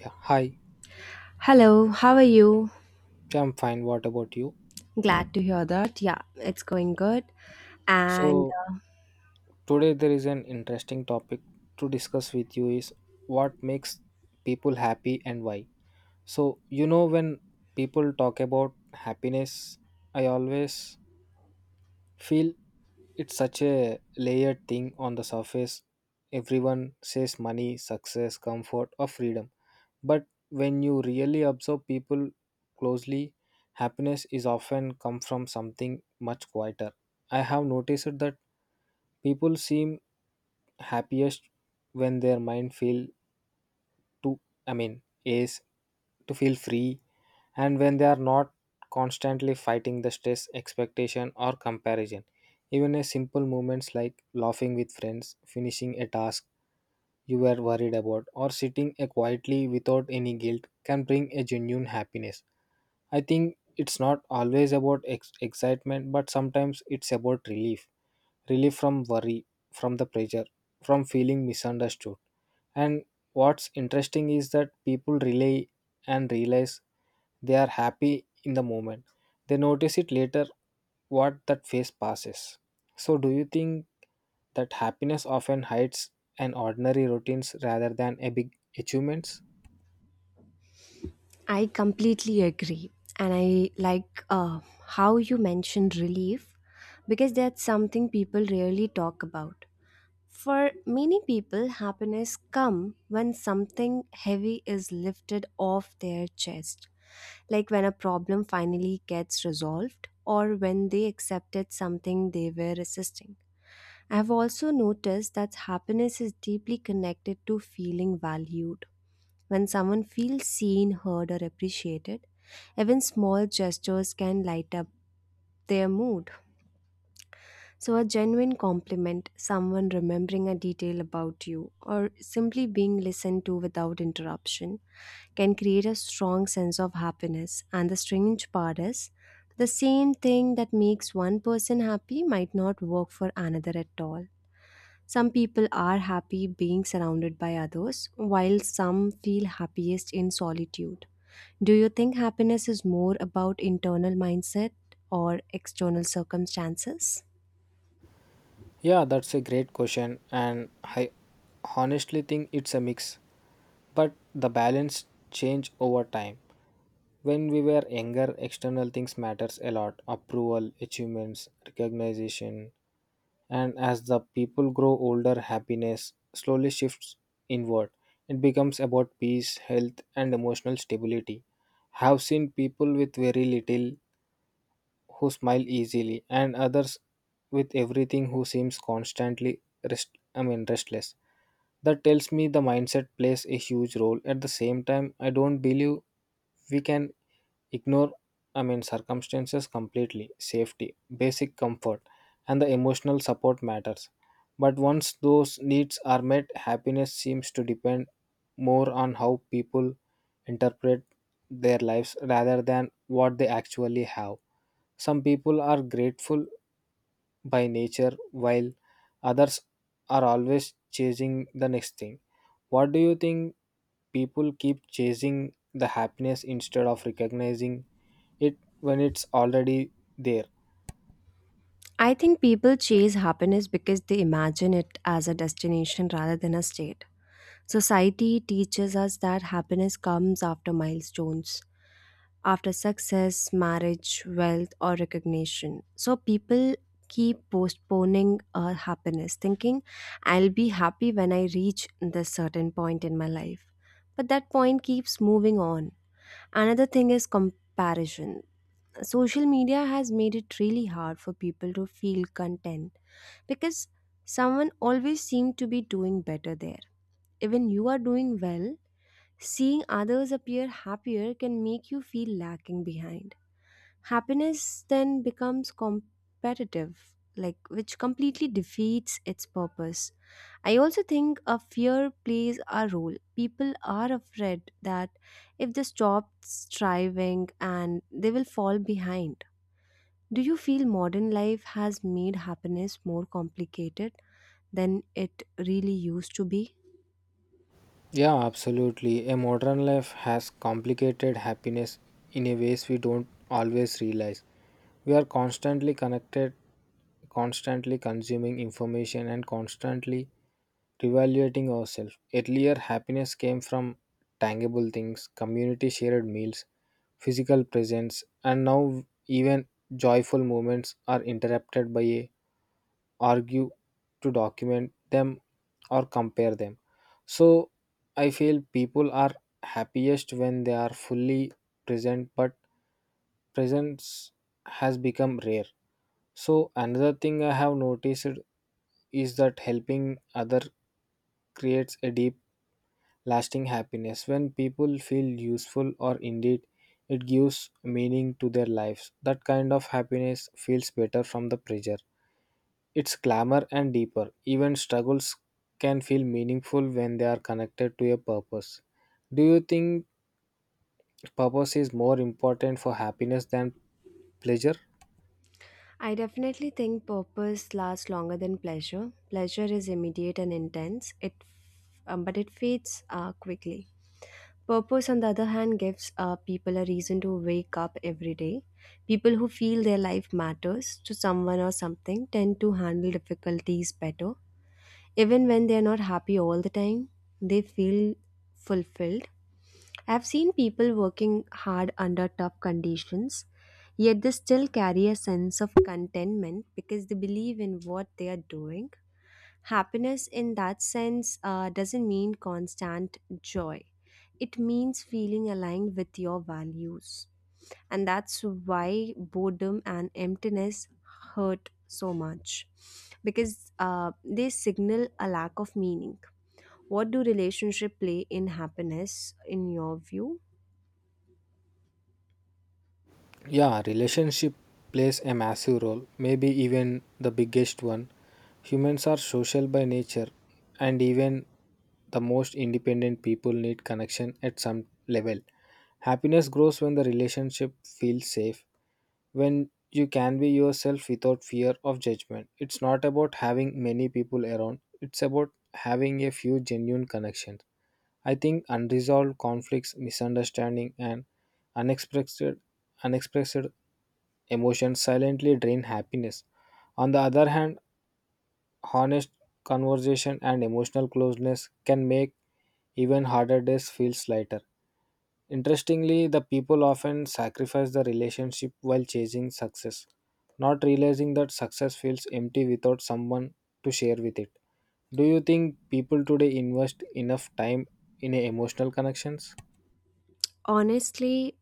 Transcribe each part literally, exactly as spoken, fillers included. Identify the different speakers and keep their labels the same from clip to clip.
Speaker 1: Yeah, hi.
Speaker 2: Hello, how are you?
Speaker 1: Yeah, I'm fine. What about you?
Speaker 2: Glad to hear that. Yeah, it's going good. And
Speaker 1: So
Speaker 2: uh,
Speaker 1: today there is an interesting topic to discuss with you is what makes people happy and why. So you know when people talk about happiness, I always feel it's such a layered thing. On the surface, everyone says money, success, comfort, or freedom, but when you really observe people closely, happiness is often come from something much quieter. I have noticed that people seem happiest when their mind feel to I mean is to feel free, and when they are not constantly fighting the stress expectation or comparison. Even a simple moments like laughing with friends, finishing a task you were worried about, or sitting uh, quietly without any guilt can bring a genuine happiness. I think it's not always about ex- excitement but sometimes it's about relief. Relief from worry, from the pressure, from feeling misunderstood. And what's interesting is that people relay and realize they are happy in the moment. They notice it later what that phase passes. So do you think that happiness often hides an ordinary routines rather than a big achievements?
Speaker 2: I completely agree. And I like uh, how you mentioned relief because that's something people rarely talk about. For many people, happiness comes when something heavy is lifted off their chest, like when a problem finally gets resolved or when they accepted something they were resisting. I've also noticed that happiness is deeply connected to feeling valued. When someone feels seen, heard, or appreciated, even small gestures can light up their mood. So, a genuine compliment, someone remembering a detail about you, or simply being listened to without interruption, can create a strong sense of happiness. And the strange part is, the same thing that makes one person happy might not work for another at all. Some people are happy being surrounded by others, while some feel happiest in solitude. Do you think happiness is more about internal mindset or external circumstances?
Speaker 1: Yeah, that's a great question, and I honestly think it's a mix. But the balance change over time. When we were younger, external things matters a lot: approval, achievements, recognition. And as the people grow older, happiness slowly shifts inward. It becomes about peace, health, and emotional stability. I have seen people with very little who smile easily, and others with everything who seems constantly rest I mean restless. That tells me the mindset plays a huge role. At the same time, I don't believe we can ignore, I mean, circumstances completely. Safety, basic comfort, and the emotional support matters. But once those needs are met, happiness seems to depend more on how people interpret their lives rather than what they actually have. Some people are grateful by nature, while others are always chasing the next thing. What do you think people keep chasing the happiness instead of recognizing it when it's already there?
Speaker 2: I think people chase happiness because they imagine it as a destination rather than a state. Society teaches us that happiness comes after milestones, after success, marriage, wealth, or recognition. So people keep postponing uh, happiness, thinking, I'll be happy when I reach this certain point in my life. But that point keeps moving on. Another thing is comparison. Social media has made it really hard for people to feel content because someone always seems to be doing better there. Even you are doing well, seeing others appear happier can make you feel lacking behind. Happiness then becomes competitive, like which completely defeats its purpose. I also think a fear plays a role. People are afraid that if they stop striving and they will fall behind. Do you feel modern life has made happiness more complicated than it really used to be?
Speaker 1: Yeah, absolutely. A modern life has complicated happiness in a ways we don't always realize. We are constantly connected, constantly consuming information, and constantly reevaluating ourselves. Earlier, happiness came from tangible things, community shared meals, physical presence, and now even joyful moments are interrupted by a argue to document them or compare them. So I feel people are happiest when they are fully present, but presence has become rare. So another thing I have noticed is that helping other creates a deep lasting happiness when people feel useful or indeed it gives meaning to their lives. That kind of happiness feels better from the pressure it's clamor and deeper. Even struggles can feel meaningful when they are connected to a purpose. Do you think purpose is more important for happiness than pleasure?
Speaker 2: I definitely think purpose lasts longer than pleasure. Pleasure is immediate and intense, it, um, but it fades uh, quickly. Purpose, on the other hand, gives uh, people a reason to wake up every day. People who feel their life matters to someone or something tend to handle difficulties better even when they are not happy all the time, they feel fulfilled. I've seen people working hard under tough conditions, yet they still carry a sense of contentment because they believe in what they are doing. Happiness, in that sense, uh, doesn't mean constant joy, it means feeling aligned with your values, and that's why boredom and emptiness hurt so much because uh, they signal a lack of meaning. What do relationship play in happiness in your view?
Speaker 1: Yeah, relationship plays a massive role, maybe even the biggest one. Humans are social by nature, and even the most independent people need connection at some level. Happiness grows when the relationship feels safe, when you can be yourself without fear of judgment. It's not about having many people around, it's about having a few genuine connections. I think unresolved conflicts, misunderstanding, and unexpressed unexpressed emotions silently drain happiness. On the other hand, honest conversation and emotional closeness can make even harder days feel lighter. Interestingly, the people often sacrifice the relationship while chasing success, not realizing that success feels empty without someone to share with it. Do you think people today invest enough time in emotional connections?
Speaker 2: Honestly,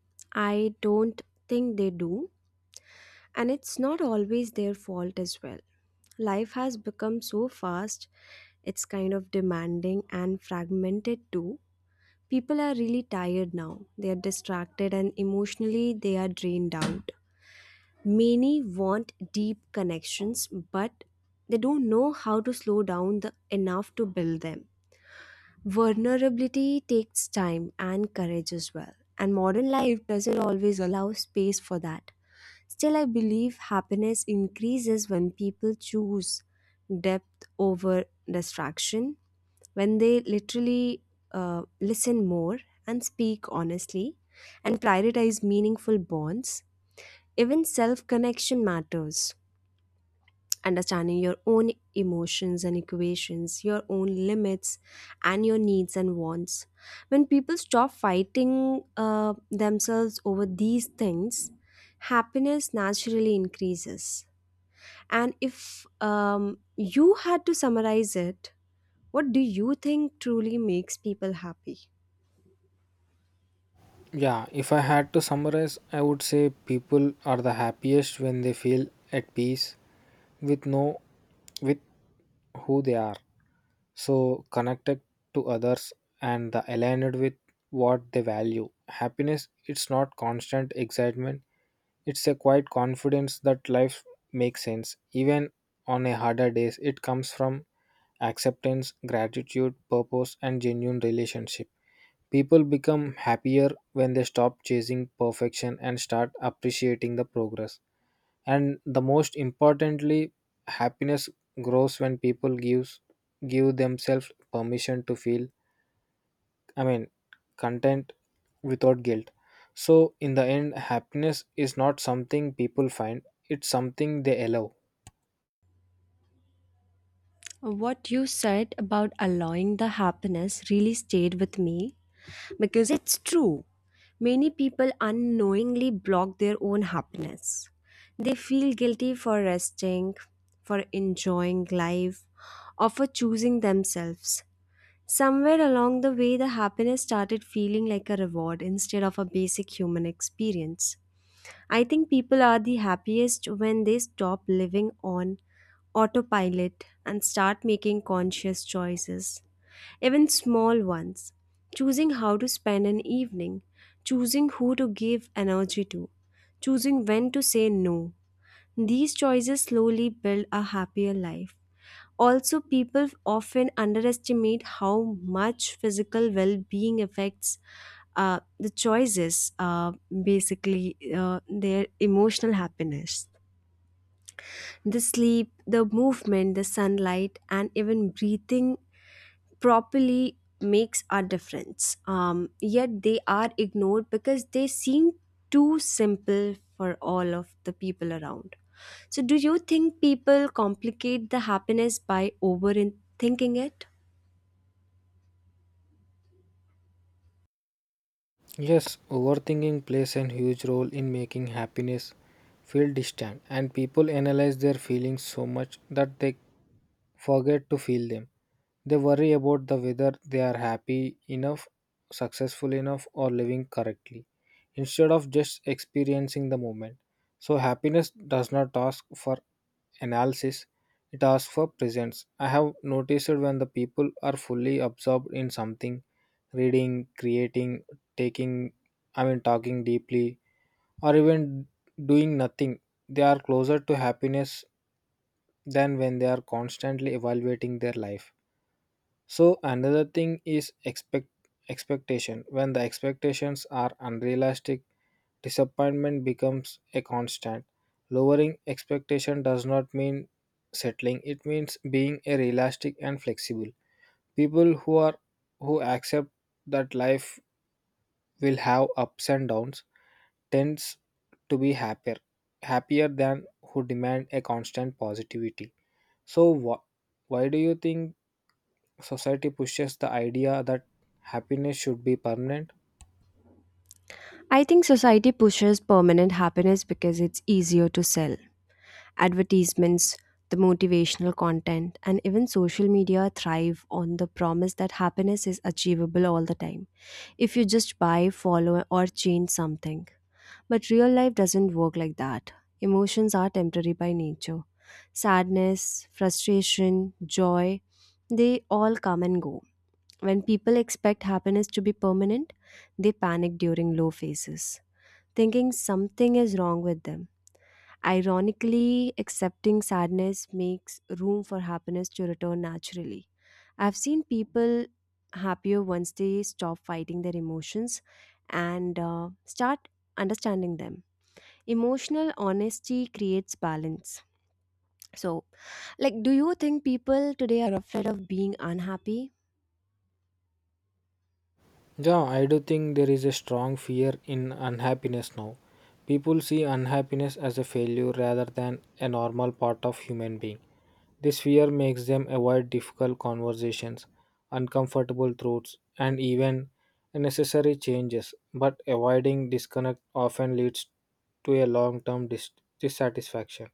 Speaker 2: I don't think they do, and it's not always their fault as well. Life has become so fast, it's kind of demanding and fragmented too. People are really tired now, they are distracted and emotionally they are drained out. Many want deep connections, but they don't know how to slow down the, enough to build them. Vulnerability takes time and courage as well, and modern life doesn't always allow space for that. Still, I believe happiness increases when people choose depth over distraction, when they literally uh, listen more and speak honestly and prioritize meaningful bonds, even self connection matters. Understanding your own emotions and equations, your own limits, and your needs and wants. When people stop fighting uh, themselves over these things, happiness naturally increases. And if um, you had to summarize it, what do you think truly makes people happy?
Speaker 1: Yeah, if I had to summarize, I would say people are the happiest when they feel at peace with no with who they are, so connected to others, and the aligned with what they value. Happiness, it's not constant excitement, it's a quiet confidence that life makes sense, even on a harder days. It comes from acceptance, gratitude, purpose, and genuine relationship. People become happier when they stop chasing perfection and start appreciating the progress. And the most importantly, happiness grows when people gives give themselves permission to feel, I mean, content without guilt. So in the end, happiness is not something people find, it's something they allow.
Speaker 2: What you said about allowing the happiness really stayed with me. Because it's true. Many people unknowingly block their own happiness. They feel guilty for resting, for enjoying life, or for choosing themselves. Somewhere along the way, the happiness started feeling like a reward instead of a basic human experience. I think people are the happiest when they stop living on autopilot and start making conscious choices, even small ones. Choosing how to spend an evening, choosing who to give energy to, choosing when to say no. These choices slowly build a happier life. Also, people often underestimate how much physical well being affects uh, the choices, uh, basically, uh, their emotional happiness. The sleep, the movement, the sunlight, and even breathing properly makes a difference. Um, yet they are ignored because they seem too simple for all of the people around. So, do you think people complicate the happiness by overthinking it?
Speaker 1: Yes, overthinking plays a huge role in making happiness feel distant, and people analyze their feelings so much that they forget to feel them. They worry about the whether they are happy enough, successful enough, or living correctly instead of just experiencing the moment. So, happiness does not ask for analysis, it asks for presence. I have noticed when the people are fully absorbed in something, reading, creating, taking, I mean, talking deeply, or even doing nothing, they are closer to happiness than when they are constantly evaluating their life. So another thing is expect expectation. When the expectations are unrealistic, disappointment becomes a constant. Lowering expectation does not mean settling. It means being a realistic and flexible. People who are who accept that life will have ups and downs tends to be happier happier than who demand a constant positivity. So wh- why do you think society pushes the idea that happiness should be permanent?
Speaker 2: I think society pushes permanent happiness because it's easier to sell. Advertisements, the motivational content, and even social media thrive on the promise that happiness is achievable all the time if you just buy, follow, or change something. But real life doesn't work like that. Emotions are temporary by nature. Sadness, frustration, joy, they all come and go. When people expect happiness to be permanent, they panic during low phases, thinking something is wrong with them. Ironically, accepting sadness makes room for happiness to return naturally. I've seen people happier once they stop fighting their emotions and uh, start understanding them. Emotional honesty creates balance. So, like, do you think people today are afraid of being unhappy?
Speaker 1: Yeah, I do think there is a strong fear in unhappiness now. People see unhappiness as a failure rather than a normal part of human being. This fear makes them avoid difficult conversations, uncomfortable truths, and even necessary changes. But avoiding disconnect often leads to a long-term dis- dissatisfaction.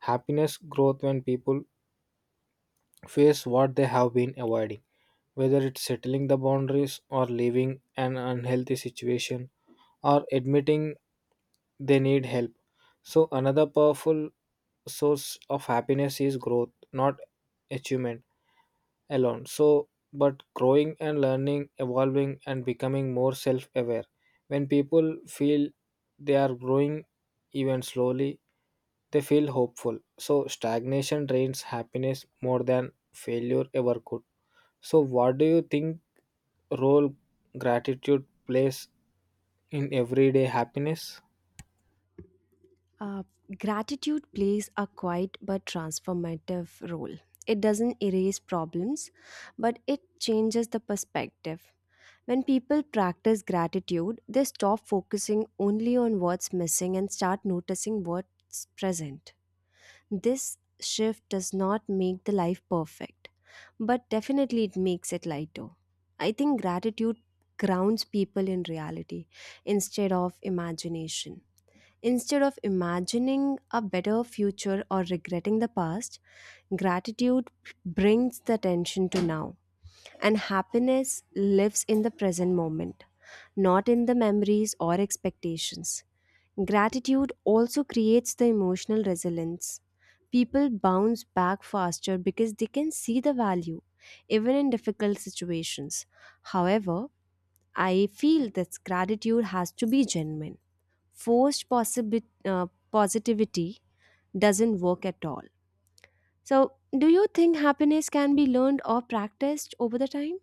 Speaker 1: Happiness grows when people face what they have been avoiding, whether it's settling the boundaries or leaving an unhealthy situation or admitting they need help. So, another powerful source of happiness is growth, not achievement alone. So, but growing and learning, evolving, and becoming more self aware. When people feel they are growing even slowly, they feel hopeful. So, stagnation drains happiness more than failure ever could. So, what do you think role gratitude plays in everyday happiness?
Speaker 2: Uh, Gratitude plays a quiet but transformative role. It doesn't erase problems, but it changes the perspective. When people practice gratitude, they stop focusing only on what's missing and start noticing what's present. This shift does not make the life perfect, but definitely it makes it lighter. I think gratitude grounds people in reality instead of imagination. Instead of imagining a better future or regretting the past, gratitude brings the attention to now, and happiness lives in the present moment, not in the memories or expectations. Gratitude also creates the emotional resilience. People bounce back faster because they can see the value, even in difficult situations. However, I feel that gratitude has to be genuine, forced possibi- uh, positivity doesn't work at all. So, do you think happiness can be learned or practiced over the time?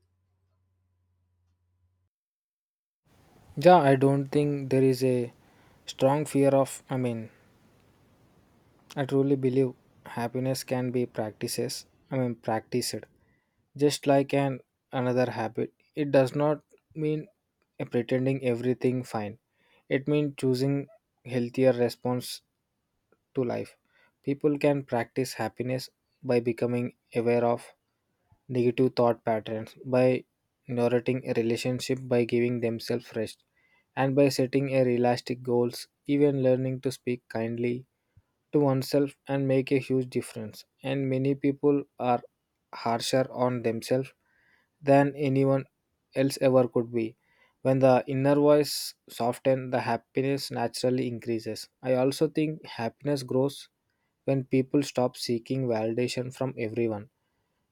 Speaker 1: Yeah, I don't think there is a strong fear of, I mean, I truly believe happiness can be practices, I mean, practiced, just like an another habit. It does not mean uh, pretending everything fine, it means choosing healthier response to life. People can practice happiness by becoming aware of negative thought patterns, by nourishing a relationship, by giving themselves rest, and by setting a realistic goals. Even learning to speak kindly to oneself and make a huge difference. And many people are harsher on themselves than anyone else ever could be. When the inner voice softens, the happiness naturally increases. I also think happiness grows when people stop seeking validation from everyone.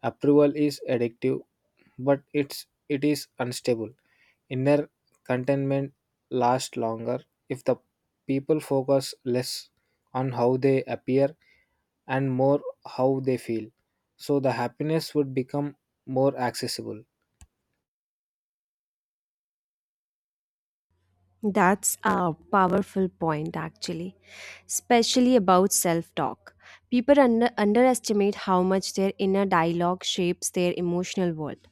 Speaker 1: Approval is addictive, but it's it is unstable. Inner contentment lasts longer if the people focus less on how they appear and more how they feel. So the happiness would become more accessible.
Speaker 2: That's a powerful point, actually, especially about self talk. People under- underestimate how much their inner dialogue shapes their emotional world.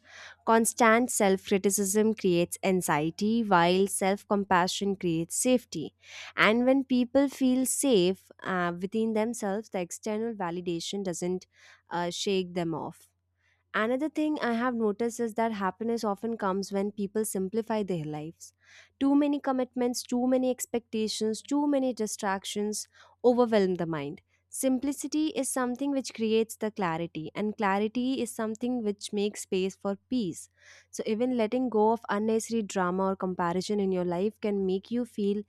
Speaker 2: Constant self criticism creates anxiety, while self compassion creates safety. And when people feel safe uh, within themselves, the external validation doesn't uh, shake them off. Another thing I have noticed is that happiness often comes when people simplify their lives. Too many commitments, too many expectations, too many distractions overwhelm the mind. Simplicity is something which creates the clarity, and clarity is something which makes space for peace. So, even letting go of unnecessary drama or comparison in your life can make you feel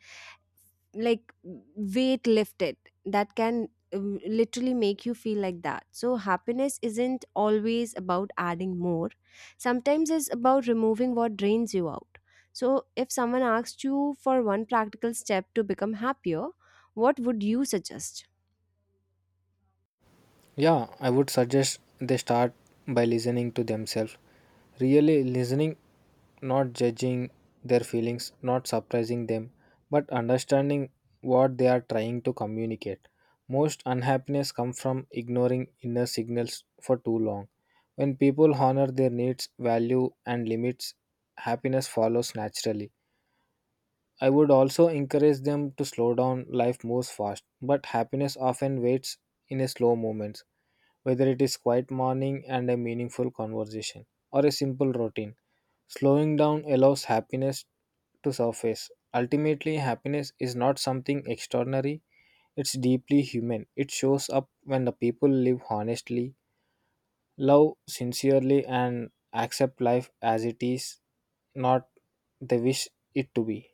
Speaker 2: like weight lifted, that can um, literally make you feel like that. So happiness isn't always about adding more, sometimes it's about removing what drains you out. So if someone asked you for one practical step to become happier, what would you suggest?
Speaker 1: Yeah, I would suggest they start by listening to themselves. Really listening, not judging their feelings, not surprising them, but understanding what they are trying to communicate. Most unhappiness comes from ignoring inner signals for too long. When people honor their needs, value, and limits, happiness follows naturally. I would also encourage them to slow down. Life moves fast, but happiness often waits in a slow moments, whether it is quiet morning and a meaningful conversation, or a simple routine. Slowing down allows happiness to surface. Ultimately, happiness is not something extraordinary, it's deeply human. It shows up when the people live honestly, love sincerely, and accept life as it is, not they wish it to be.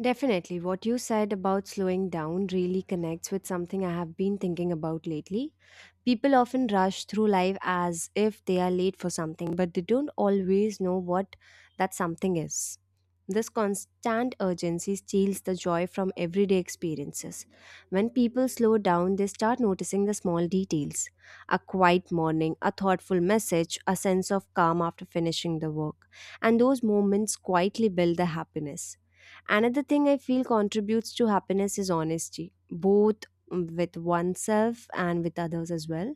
Speaker 2: Definitely. What you said about slowing down really connects with something I have been thinking about lately. People often rush through life as if they are late for something, but they don't always know what that something is. This constant urgency steals the joy from everyday experiences. When people slow down, they start noticing the small details, a quiet morning, a thoughtful message, a sense of calm after finishing the work. And those moments quietly build the happiness. Another thing I feel contributes to happiness is honesty, both with oneself and with others as well.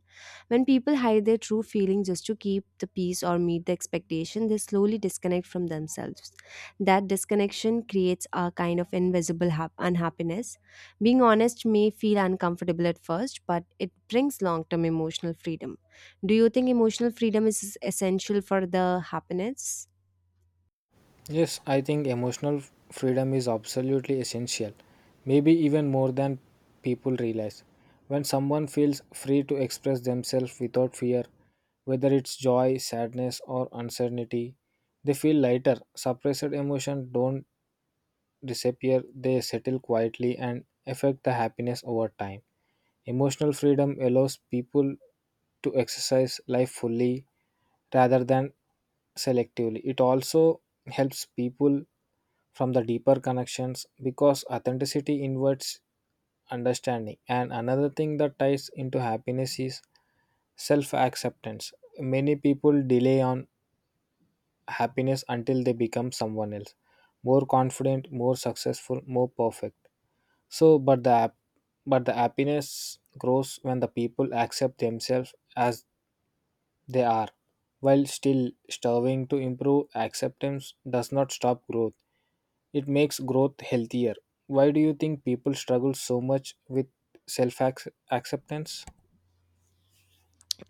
Speaker 2: When people hide their true feelings just to keep the peace or meet the expectation, they slowly disconnect from themselves. That disconnection creates a kind of invisible hap- unhappiness. Being honest may feel uncomfortable at first, but it brings long term emotional freedom. Do you think emotional freedom is essential for the happiness?
Speaker 1: Yes, I think emotional freedom is absolutely essential, maybe even more than people realize. When someone feels free to express themselves without fear, whether it's joy, sadness, or uncertainty, they feel lighter. Suppressed emotions don't disappear, they settle quietly and affect the happiness over time. Emotional freedom allows people to exercise life fully rather than selectively. It also helps people from the deeper connections because authenticity invites understanding. And another thing that ties into happiness is self acceptance. Many people delay on happiness until they become someone else, more confident, more successful, more perfect. So but the hap- but the happiness grows when the people accept themselves as they are while still striving to improve. Acceptance does not stop growth, it makes growth healthier. Why do you think people struggle so much with self acceptance?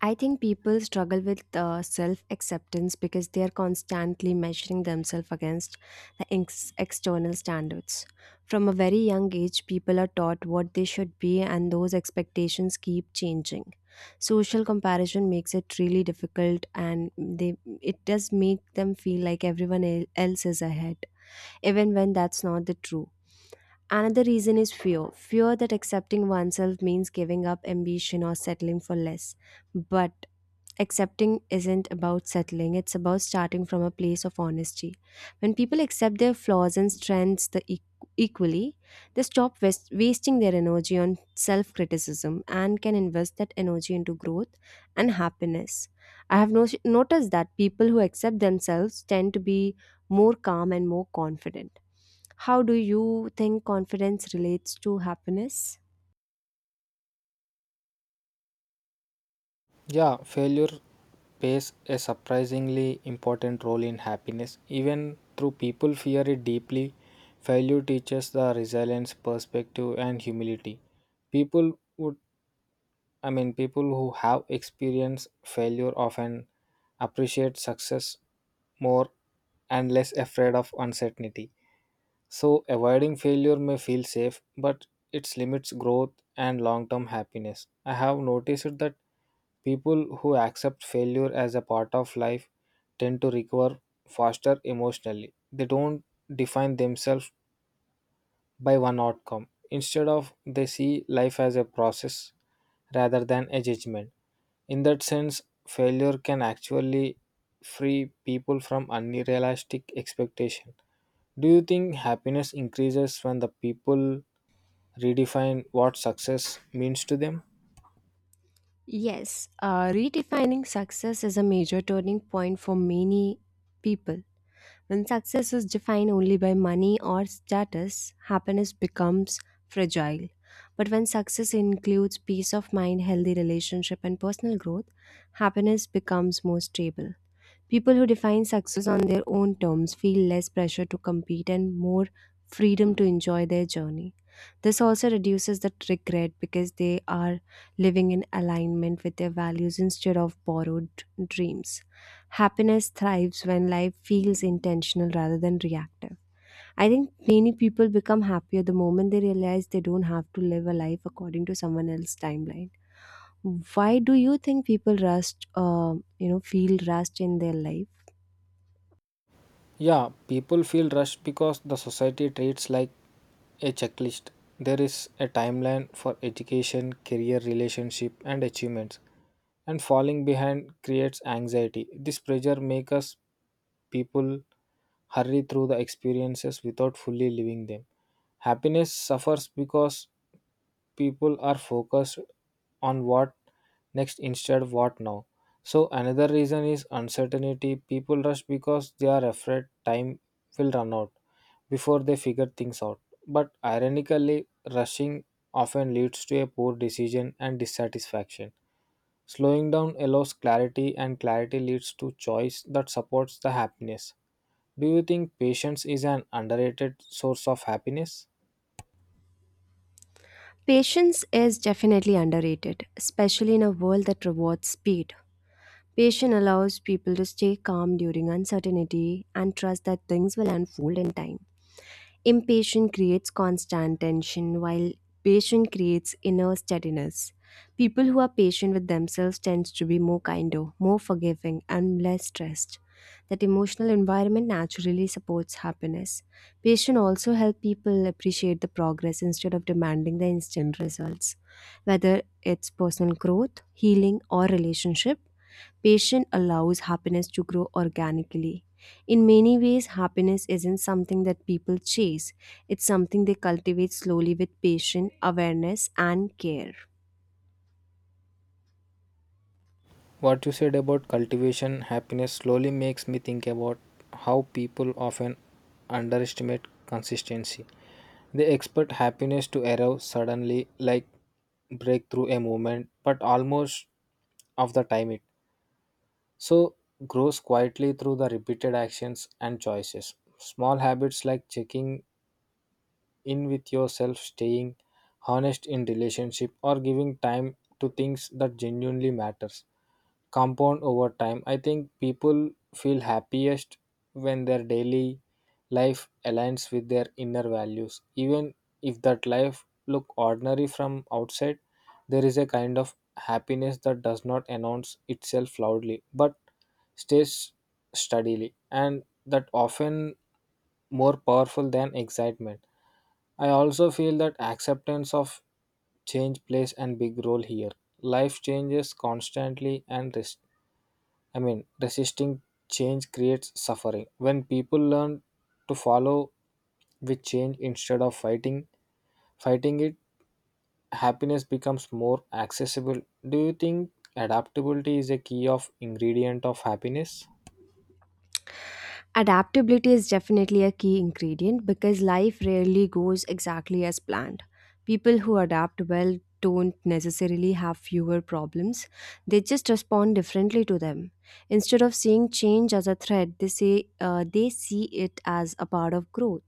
Speaker 2: I think people struggle with uh, self acceptance because they are constantly measuring themselves against the ex- external standards. From a very young age, people are taught what they should be, and those expectations keep changing. Social comparison makes it really difficult, and they it does make them feel like everyone el- else is ahead, even when that's not the true. Another reason is fear, fear that accepting oneself means giving up ambition or settling for less. But accepting isn't about settling, it's about starting from a place of honesty. When people accept their flaws and strengths the e- equally, they stop wast- wasting their energy on self criticism and can invest that energy into growth and happiness. I have no- noticed that people who accept themselves tend to be more calm and more confident. How do you think confidence relates to happiness?
Speaker 1: Yeah, failure plays a surprisingly important role in happiness. Even though people fear it deeply, failure teaches the resilience, perspective, and humility. People would, I mean, people who have experienced failure often appreciate success more and less afraid of uncertainty. So, avoiding failure may feel safe, but it limits growth and long term happiness. I have noticed that people who accept failure as a part of life tend to recover faster emotionally. They don't define themselves by one outcome. Instead of they see life as a process rather than a judgment. In that sense, failure can actually free people from unrealistic expectation. Do you think happiness increases when the people redefine what success means to them?
Speaker 2: Yes, uh, redefining success is a major turning point for many people. When success is defined only by money or status, happiness becomes fragile. But when success includes peace of mind, healthy relationship, and personal growth, happiness becomes more stable. People who define success on their own terms feel less pressure to compete and more freedom to enjoy their journey. This also reduces the regret because they are living in alignment with their values instead of borrowed dreams. Happiness thrives when life feels intentional rather than reactive. I think many people become happier the moment they realize they don't have to live a life according to someone else's timeline. Why do you think people rust, uh, you know, feel rushed in their life?
Speaker 1: Yeah, people feel rushed because the society treats like a checklist. There is a timeline for education, career, relationship, and achievements, and falling behind creates anxiety. This pressure makes us people hurry through the experiences without fully living them. Happiness suffers because people are focused on what next instead what now. So another reason is uncertainty. People rush because they are afraid time will run out before they figure things out. But ironically, rushing often leads to a poor decision and dissatisfaction. Slowing down allows clarity, and clarity leads to choice that supports the happiness. Do you think patience is an underrated source of happiness?
Speaker 2: Patience is definitely underrated, especially in a world that rewards speed. Patience allows people to stay calm during uncertainty and trust that things will unfold in time. Impatience creates constant tension, while patience creates inner steadiness. People who are patient with themselves tend to be more kinder, more forgiving, and less stressed. That emotional environment naturally supports happiness. Patience also helps people appreciate the progress instead of demanding the instant results. Whether it's personal growth, healing, or relationship, patience allows happiness to grow organically. In many ways, happiness isn't something that people chase, it's something they cultivate slowly with patience, awareness, and care.
Speaker 1: What you said about cultivation happiness slowly makes me think about how people often underestimate consistency. They expect happiness to arrive suddenly, like breakthrough a moment, but almost of the time it so grows quietly through the repeated actions and choices. Small habits like checking in with yourself, staying honest in relationship, or giving time to things that genuinely matters. Compound over time. I think people feel happiest when their daily life aligns with their inner values. Even if that life look ordinary from outside, there is a kind of happiness that does not announce itself loudly but stays steadily, and that often more powerful than excitement. I also feel that acceptance of change plays a big role here. Life changes constantly, and res- I mean resisting change creates suffering. When people learn to follow with change instead of fighting fighting it, happiness becomes more accessible. Do you think adaptability is a key of ingredient of happiness?
Speaker 2: Adaptability is definitely a key ingredient because life rarely goes exactly as planned. People who adapt well don't necessarily have fewer problems, they just respond differently to them. Instead of seeing change as a threat, they, say, uh, they see it as a part of growth.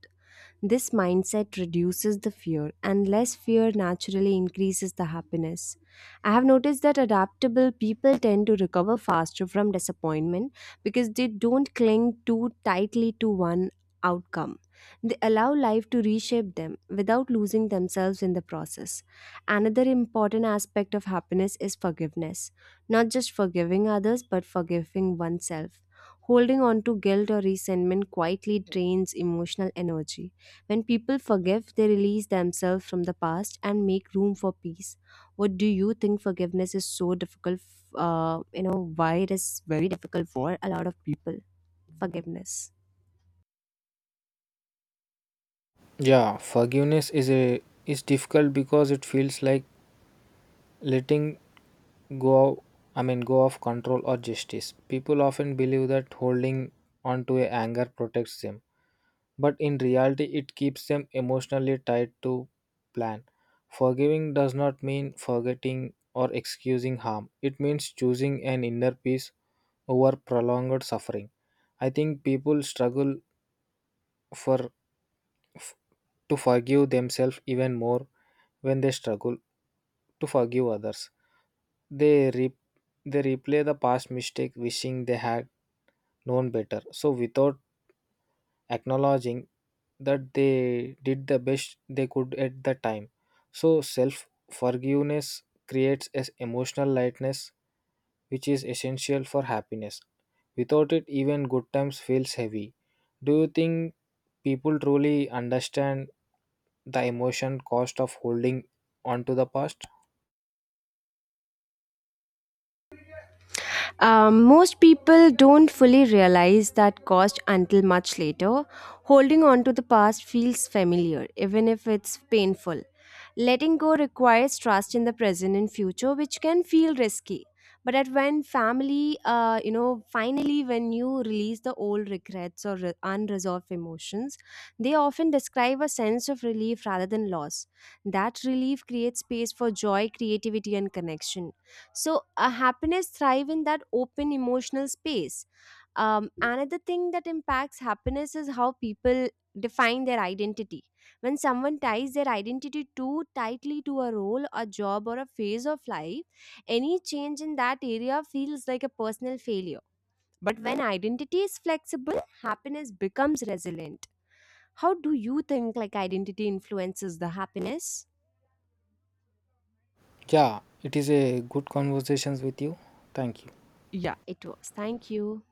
Speaker 2: This mindset reduces the fear, and less fear naturally increases the happiness. I have noticed that adaptable people tend to recover faster from disappointment because they don't cling too tightly to one outcome. They allow life to reshape them without losing themselves in the process. Another important aspect of happiness is forgiveness, not just forgiving others, but forgiving oneself. Holding on to guilt or resentment quietly drains emotional energy. When people forgive, they release themselves from the past and make room for peace. What do you think forgiveness is so difficult? F- Uh, you know, why it is very difficult for a lot of people, forgiveness.
Speaker 1: Yeah, forgiveness is a is difficult because it feels like letting go out, I mean go of control or justice. People often believe that holding on to a anger protects them, but in reality it keeps them emotionally tied to plan. Forgiving does not mean forgetting or excusing harm, it means choosing an inner peace over prolonged suffering. I think people struggle for f- to forgive themselves even more when they struggle to forgive others. They re- they replay the past mistake wishing they had known better. So without acknowledging that they did the best they could at the time. So self forgiveness creates as emotional lightness which is essential for happiness. Without it even good times feels heavy. Do you think people truly understand the emotion cost of holding on to the past?
Speaker 2: Um, most people don't fully realize that cost until much later. Holding on to the past feels familiar, even if it's painful. Letting go requires trust in the present and future, which can feel risky. But at when family, uh, you know, finally when you release the old regrets or re- unresolved emotions, they often describe a sense of relief rather than loss. That relief creates space for joy, creativity, and connection. So a happiness thrive in that open emotional space. Um, another thing that impacts happiness is how people define their identity. When someone ties their identity too tightly to a role, a job, or a phase of life, any change in that area feels like a personal failure. But when identity is flexible, happiness becomes resilient. How do you think like identity influences the happiness?
Speaker 1: Yeah, it is a good conversations with you. Thank you.
Speaker 2: Yeah. It was, thank you.